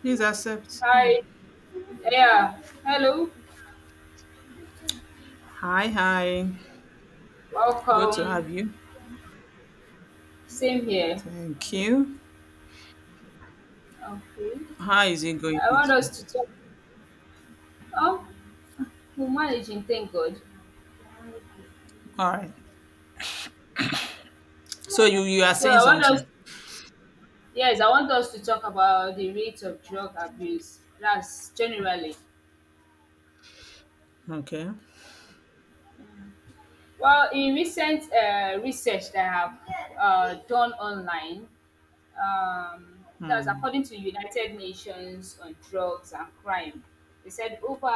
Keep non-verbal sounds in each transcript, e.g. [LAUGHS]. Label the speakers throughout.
Speaker 1: Please accept. Oh,
Speaker 2: Hi. Yeah. Hello.
Speaker 1: hi, hi. Good to
Speaker 2: Welcome.
Speaker 1: have you.
Speaker 2: Same here.
Speaker 1: Thank you.
Speaker 2: Okay.
Speaker 1: How is it going
Speaker 2: I want
Speaker 1: with
Speaker 2: us
Speaker 1: you?
Speaker 2: to talk. Oh, we're managing. Thank God.
Speaker 1: All right. So you are
Speaker 2: So
Speaker 1: saying
Speaker 2: I want us.
Speaker 1: something.
Speaker 2: Yes, I want us to talk about the rate of drug abuse. That's generally.
Speaker 1: Okay.
Speaker 2: Well, in recent research that I have done online, that's
Speaker 1: Hmm.
Speaker 2: according to United Nations on drugs and crime. They said over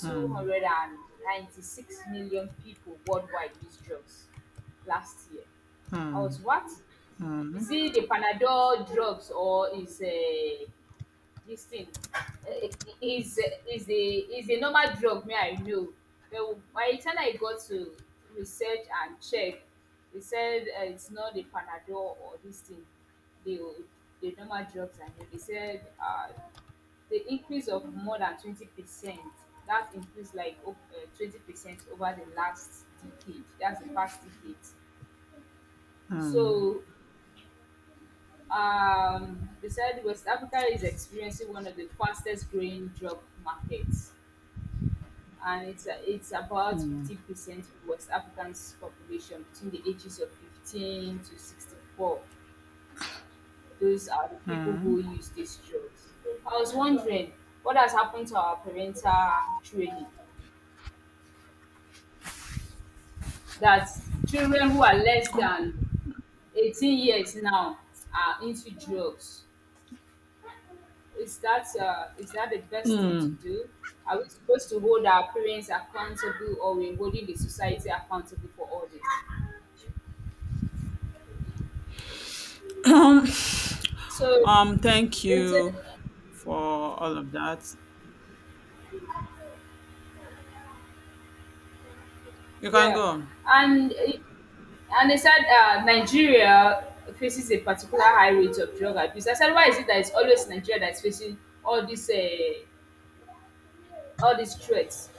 Speaker 1: Hmm.
Speaker 2: 296 million people worldwide used drugs last year. I was what? Is it the Panadol drugs or is dis thing um is is a is a normal drug me I know. Then by the time I got to research and check, they said it's not the Panadol or dis thing, the the normal drugs I know. They said the increase of more than 20%, that increase like o 20% over the last decade, that's the past decade. So they said West Africa is experiencing one of the fastest growing drug markets, and it's about 50% of West Africans' population between the ages of 15 to 64. Those are the people who use these drugs. I was wondering what has happened to our parental training that children who are less than 18 years now are into drugs. Is that the best thing to do? Are we supposed to hold our parents accountable, or we're holding the society accountable for all this?
Speaker 1: [CLEARS THROAT]
Speaker 2: So,
Speaker 1: Thank
Speaker 2: they said,
Speaker 1: you for all of that. You can go
Speaker 2: yeah,
Speaker 1: on.
Speaker 2: and it- and they said Nigeria faces a particular high rate of drug abuse. I said, why is it that it's always Nigeria that's facing all these uh, all these threats?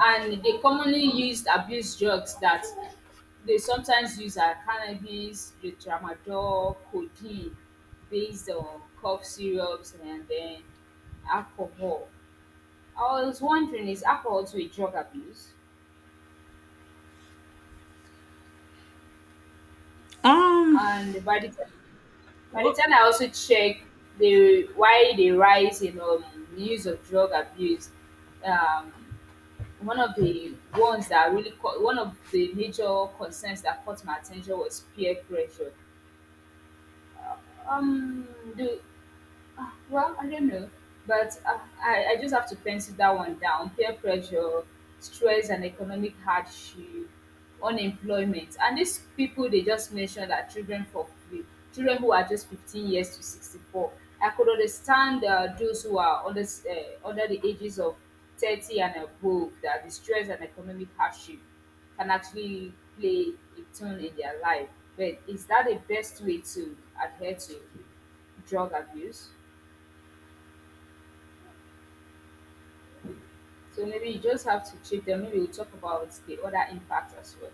Speaker 2: And they commonly used abuse drugs that they sometimes use are cannabis, the tramadol, codeine based on cough syrups, and then alcohol. I was wondering, is alcohol to a drug abuse?
Speaker 1: Um.
Speaker 2: And by the
Speaker 1: Well,
Speaker 2: time I also check the why they rise in the use of drug abuse, um, one of the major concerns that caught my attention was peer pressure. Um do Well, I don't know, but I just have to pencil that one down. Peer pressure, stress, and economic hardship, unemployment, and these people they just mentioned are children for free, children who are just 15 years to 64. I could understand those who are under the ages of 30 and above, that the stress and economic hardship can actually play a tune in their life. But is that the best way to adhere to drug abuse? So maybe you just have to check them. Maybe we'll talk about the other impact as well.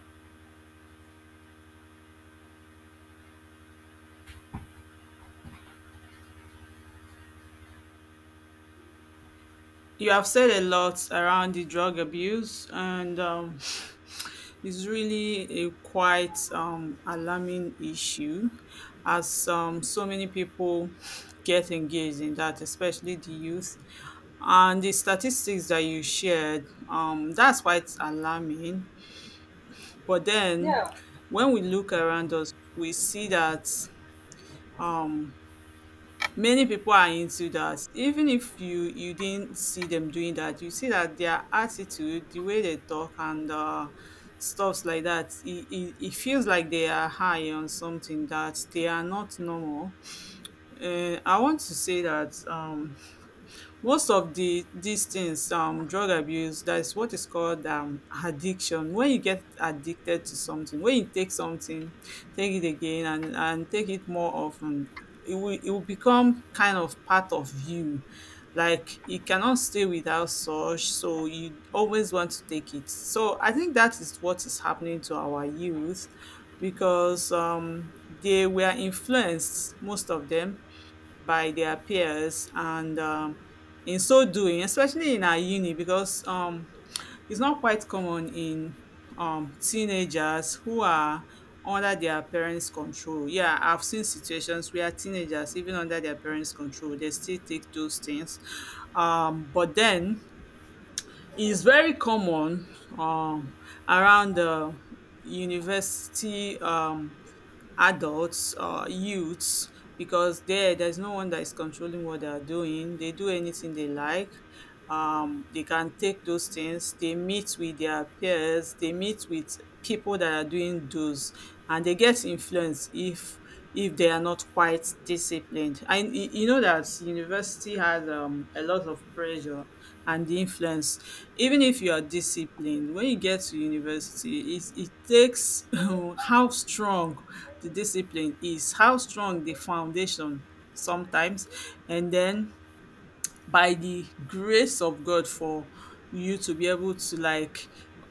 Speaker 1: you have said a lot around the drug abuse, and is really a quite alarming issue, as so many people get engaged in that, especially the youth. And the statistics that you shared, that's quite alarming. But then,
Speaker 2: Yeah.
Speaker 1: when we look around us, we see that um. many people are into that. Even if you didn't see them doing that, you see that their attitude, the way they talk, and stuffs like that. It feels like they are high on something, that they are not normal. I want to say that most of the these things, drug abuse, that is what is called addiction. When you get addicted to something, when you take something, take it again and take it more often, it will become kind of part of you, like you cannot stay without such. So you always want to take it. So I think that is what is happening to our youth, because they were influenced, most of them, by their peers. And in so doing, especially in our uni, because it's not quite common in teenagers who are under their parents' control. Yeah, I've seen situations where teenagers, even under their parents' control, they still take those things. But then, it's very common um, around the university, adults or youths, because there's no one that is controlling what they are doing. They do anything they like. They can take those things, they meet with their peers, they meet with people that are doing those, and they get influenced if they are not quite disciplined. And you know that university has a lot of pressure and influence. Even if you are disciplined, when you get to university, it takes [LAUGHS] how strong the discipline is, how strong the foundation, sometimes, and then by the grace of God, for you to be able to like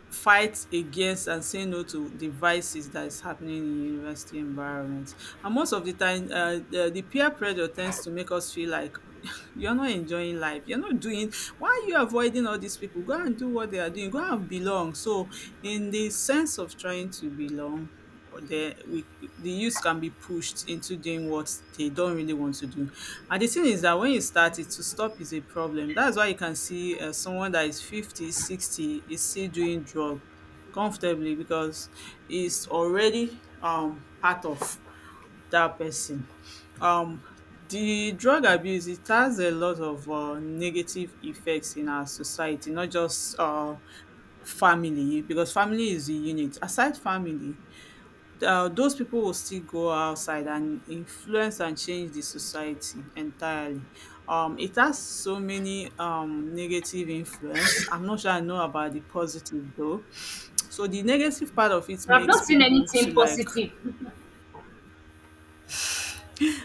Speaker 1: fight against and say no to the vices that is happening in university environment. And most of the time, the peer pressure tends to make us feel like [LAUGHS] you're not enjoying life. You're not doing, why are you avoiding all these people? Go and do what they are doing. Go and belong. So, in the sense of trying to belong, or the youth can be pushed into doing what they don't really want to do. And the thing is that when you start it, to stop is a problem. That's why you can see someone that is 50, 60 is still doing drug comfortably, because it's already part of that person. Um, the drug abuse, it has a lot of negative effects in our society, not just family, because family is the unit. Aside family, those people will still go outside and influence and change the society entirely. It has so many negative influence. I'm not sure I know about the positive though. So the negative part of it
Speaker 2: I've
Speaker 1: makes
Speaker 2: not seen
Speaker 1: people to
Speaker 2: anything
Speaker 1: like.
Speaker 2: positive with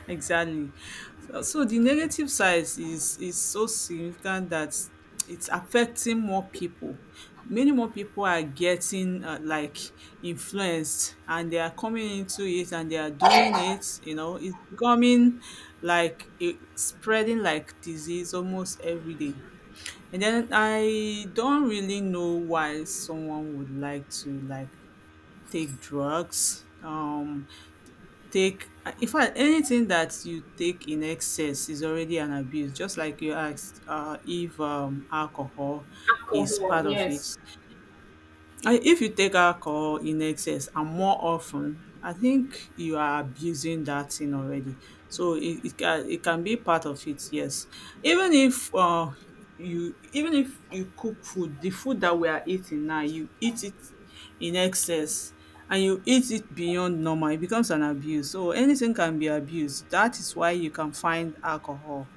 Speaker 1: Exactly. So the negative side is so significant that it's affecting more people. Many more people are getting like influenced, and they are coming into it, and they are doing it. You know, it's becoming like it, spreading like disease almost every day. And then I don't really know why someone would like to like take drugs. Take in fact, anything that you take in excess is already an abuse, just like you asked if alcohol is
Speaker 2: alcohol.
Speaker 1: part of it.
Speaker 2: Yes,
Speaker 1: I If you take alcohol in excess and more often, I think you are abusing that thing already. So it can be part of it, yes. Even if uh even if you cook food, the food that we are eating now, you eat it in excess, and you eat it beyond normal, it becomes an abuse. So anything can be abused. That is why you can find alcohol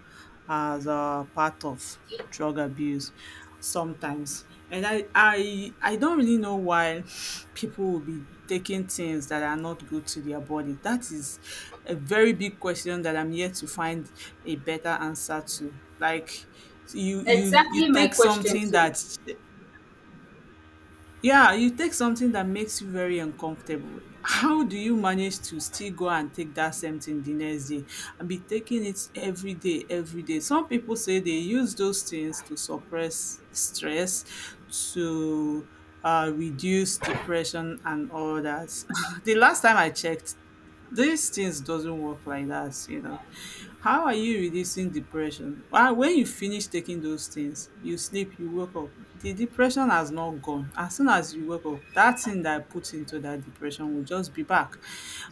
Speaker 1: as a part of drug abuse sometimes. And I don't really know why people will be taking things that are not good to their body. That is a very big question that I'm yet to find a better answer to. Like you
Speaker 2: exactly my
Speaker 1: take
Speaker 2: question
Speaker 1: something
Speaker 2: too.
Speaker 1: that. Yeah, you take something that makes you very uncomfortable. How do you manage to still go and take that same thing the next day and be taking it every day, every day? Some people say they use those things to suppress stress, to reduce depression and all that. [LAUGHS] The last time I checked, these things doesn't work like that, you know. How are you reducing depression? Well, when you finish taking those things, you sleep, you wake up, the depression has not gone. As soon as you wake up, that thing that I put into that depression will just be back.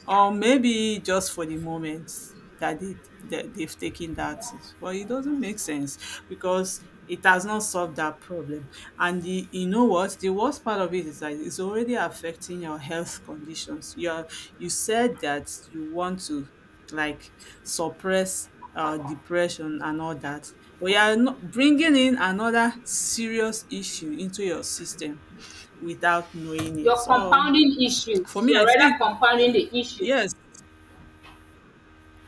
Speaker 1: Or maybe just for the moment that they've taken that thing. Well, it doesn't make sense because it has not solved that problem. You know what? The worst part of it is that it's already affecting your health conditions. You said that you want to like suppress depression and all that, but you are not bringing in another serious issue into your system without knowing it.
Speaker 2: You're
Speaker 1: So
Speaker 2: compounding
Speaker 1: for
Speaker 2: issues.
Speaker 1: me,
Speaker 2: You're
Speaker 1: I
Speaker 2: rather
Speaker 1: think,
Speaker 2: compounding the issue.
Speaker 1: yes.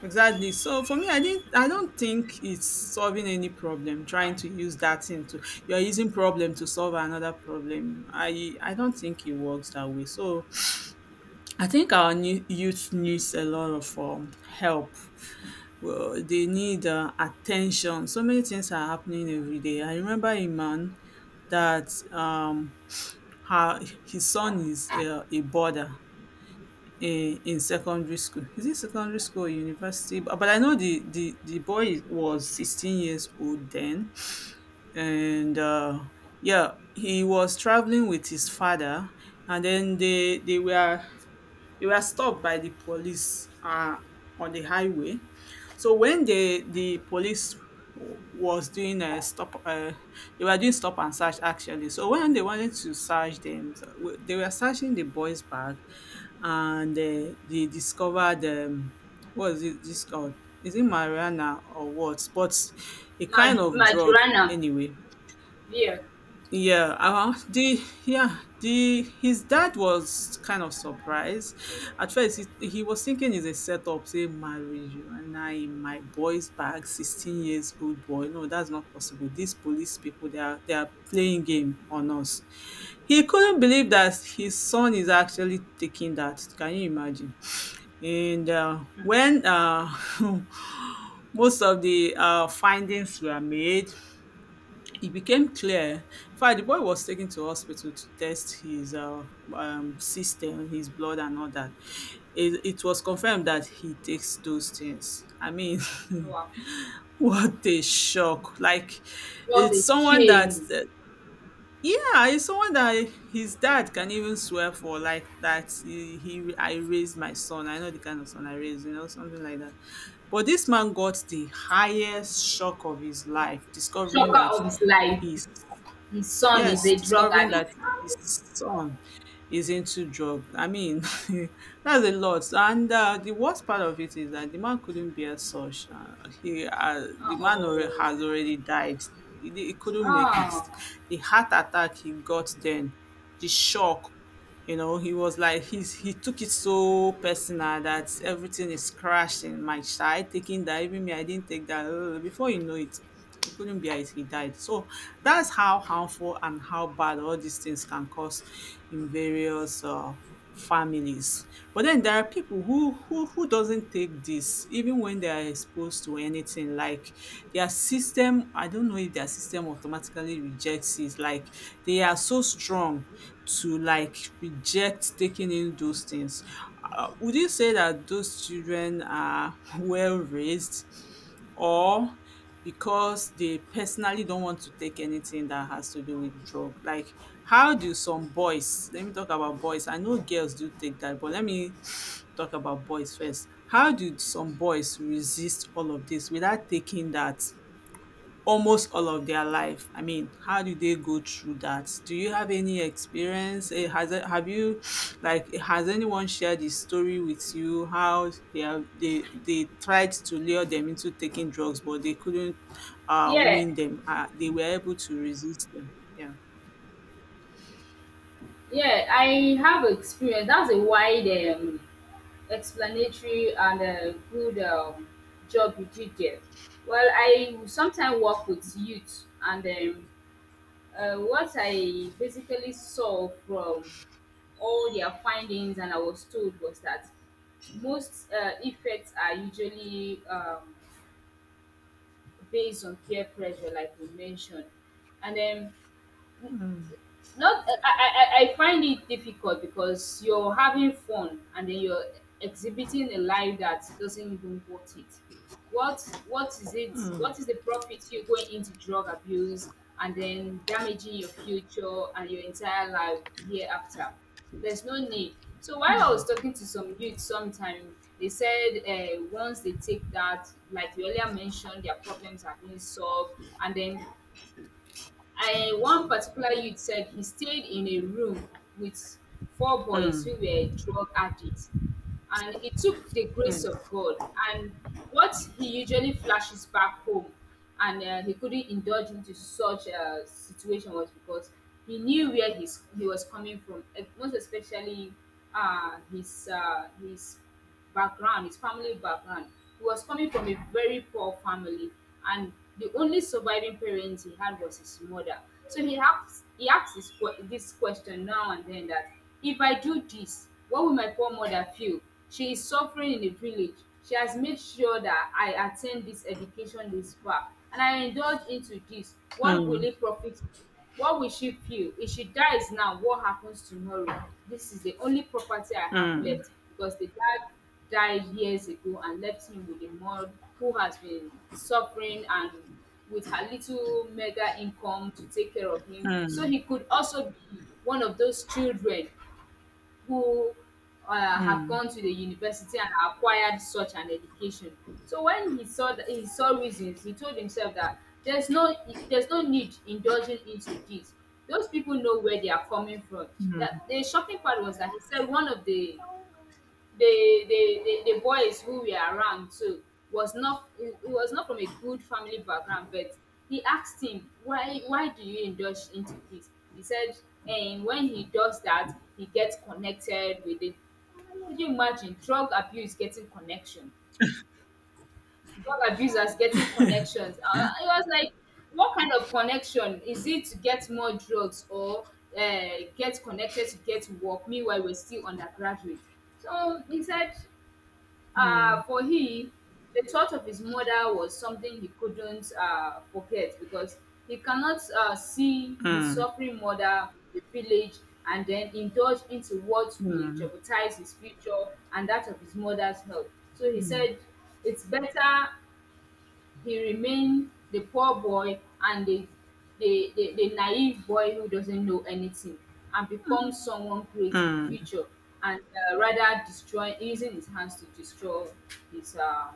Speaker 1: Exactly. So for me, I don't think it's solving any problem trying to use that thing to you're using problem to solve another problem. I don't think it works that way. So I think our new youth needs a lot of help. Well, they need attention. So many things are happening every day. I remember a man that her his son is a boarder in secondary school. Is it secondary school or university? But I know the boy was 16 years old then, and yeah, he was traveling with his father, and then they were stopped by the police on the highway. So when the police was doing a stop, they were doing stop and search actually. So when they wanted to search them, they were searching the boy's bag, and they discovered what is it? This called Is it marijuana or what? But a kind
Speaker 2: Mad-
Speaker 1: of drug,
Speaker 2: Madrona,
Speaker 1: anyway.
Speaker 2: yeah,
Speaker 1: Yeah, the yeah, the his dad was kind of surprised. At first, he was thinking it's a setup, say marriage, you and I in my boy's bag, 16 years old boy. No, that's not possible. These police people, they are playing game on us. He couldn't believe that his son is actually taking that. Can you imagine? And when [LAUGHS] most of the findings were made, it became clear in fact the boy was taken to hospital to test his system, his blood and all that. It was confirmed that he takes those things. I mean, [LAUGHS]
Speaker 2: wow,
Speaker 1: what a shock! Like,
Speaker 2: what
Speaker 1: it's
Speaker 2: a
Speaker 1: someone that,
Speaker 2: shame.
Speaker 1: yeah, it's someone that his dad can even swear for, like that. I raised my son. I know the kind of son I raised, something like that. But this man got the highest shock of his life, discovering
Speaker 2: Shocker
Speaker 1: that
Speaker 2: of his life.
Speaker 1: his
Speaker 2: His son is
Speaker 1: Yes,
Speaker 2: a drug
Speaker 1: discovering
Speaker 2: addict.
Speaker 1: that his son is into drug. I mean, [LAUGHS] that's a lot. And the worst part of it is that the man couldn't bear such. The man
Speaker 2: Uh-oh.
Speaker 1: has already died. He couldn't make it.
Speaker 2: Ah,
Speaker 1: The heart attack he got then, the shock. You know, he was like he took it so personal that everything is crashing. My child taking that, even me, I didn't take that. Before you know it. He couldn't bear it, he died. So that's how harmful and how bad all these things can cause in various families. But then there are people who doesn't take this, even when they are exposed to anything. Like their system, I don't know if their system automatically rejects it. Like they are so strong to like reject taking in those things. Would you say that those children are [LAUGHS] well raised? Or because they personally don't want to take anything that has to do with drug. Like how do some boys, let me talk about boys. I know girls do take that, but let me talk about boys first. How do some boys resist all of this without taking that almost all of their life? I mean, how do they go through that? Do you have any experience? Have you like, has anyone shared the story with you, how they are they tried to lure them into taking drugs, but they couldn't
Speaker 2: yeah,
Speaker 1: win them. They were able to resist them. Yeah.
Speaker 2: yeah. I have experience. That's a wide explanatory and good job you did there. Well, I sometimes work with youth, and what I basically saw from all their findings and I was told was that most effects are usually based on peer pressure, like we mentioned. And then not I, I find it difficult because you're having fun and then you're exhibiting a life that doesn't even worth it. What is the profit you going into drug abuse and then damaging your future and your entire life hereafter? There's no need. So while I was talking to some youth sometime, they said once they take that, like you earlier mentioned, their problems are being solved. And then I One particular youth said he stayed in a room with four boys who were drug addicts, and it took the grace of God. And what he usually flashes back home, and he couldn't indulge into such a situation was because he knew where his he was coming from, eh, most especially his background his family background. He was coming from a very poor family, and the only surviving parent he had was his mother. So he asked this question now and then, that if I do this, what will my poor mother feel? She is suffering in the village. She has made sure that I attain this education this far, and I indulge into this, what will it profit me? What will she feel? If she dies now, what happens tomorrow? This is the only property I have left, because the dad died years ago and left him with a mom who has been suffering, and with her little mega income to take care of him. So he could also be one of those children who have gone to the university and acquired such an education. So when he saw that, he saw reasons. He told himself that there's no there's no need indulging into this. Those people know where they are coming from. That the shocking part was that he said one of the boys who were around too was not he he was not from a good family background. But he asked him, why do you indulge into this? He said, and when he does that, he gets connected with it. Can you imagine drug abuse getting connection? Drug abusers getting connections. It was like, what kind of connection? Is it to get more drugs or uh, get connected to get work? Meanwhile we're still undergraduate. So he said, for him, the thought of his mother was something he couldn't forget, because he cannot see his suffering mother, the village, and then indulge into what will jeopardize his future and that of his mother's health. So he said, it's better he remained the poor boy and the naive boy who doesn't know anything, and becomes someone great in future, and rather destroy, using his hands to destroy his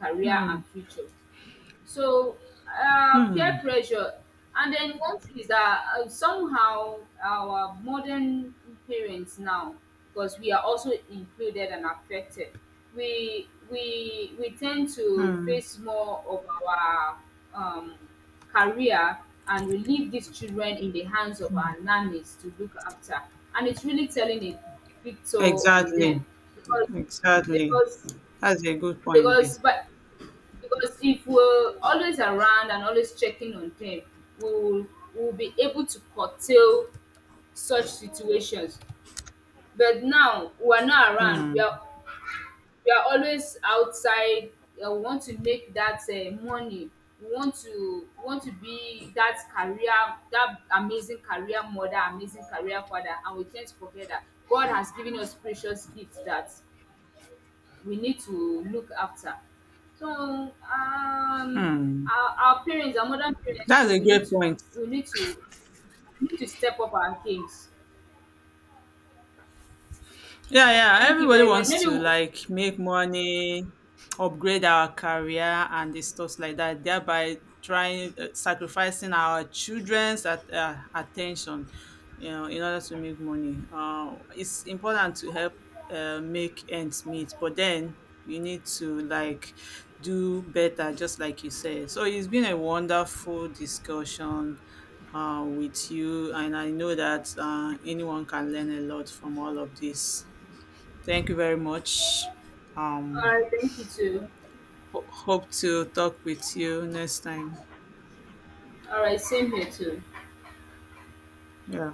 Speaker 2: career and future. So, peer pressure. And then one thing is that somehow our modern parents now, because we are also included and affected, we tend to
Speaker 1: Hmm.
Speaker 2: face more of our um, career, and we leave these children in the hands of our nannies to look after. And it's really telling a big toll on them,
Speaker 1: Exactly.
Speaker 2: because
Speaker 1: Exactly.
Speaker 2: because
Speaker 1: That's a good point there.
Speaker 2: because but because if we're always around and always checking on them, will we will be able to curtail such situations. But now we are not around. We are always outside. We want to make that money. We want to be that career, that amazing career mother, amazing career father, and we tend to forget that God has given us precious gifts that we need to look after. So our parents, our modern parents
Speaker 1: That's
Speaker 2: too,
Speaker 1: a great point.
Speaker 2: we need to we need to step up our games.
Speaker 1: Yeah, yeah.
Speaker 2: Thank you
Speaker 1: Everybody
Speaker 2: very much.
Speaker 1: wants to
Speaker 2: All
Speaker 1: like make money, upgrade our career, and the stuff like that. Thereby, trying sacrificing our children's attention, in order to make money. It's important to help make ends meet, but then we need to like do better, just like you said. So it's been a wonderful discussion. With you, and I know that anyone can learn a lot from all of this. Thank you very much. Um,
Speaker 2: right, thank you too.
Speaker 1: Hope to talk with you next time.
Speaker 2: All right, same here too.
Speaker 1: Yeah.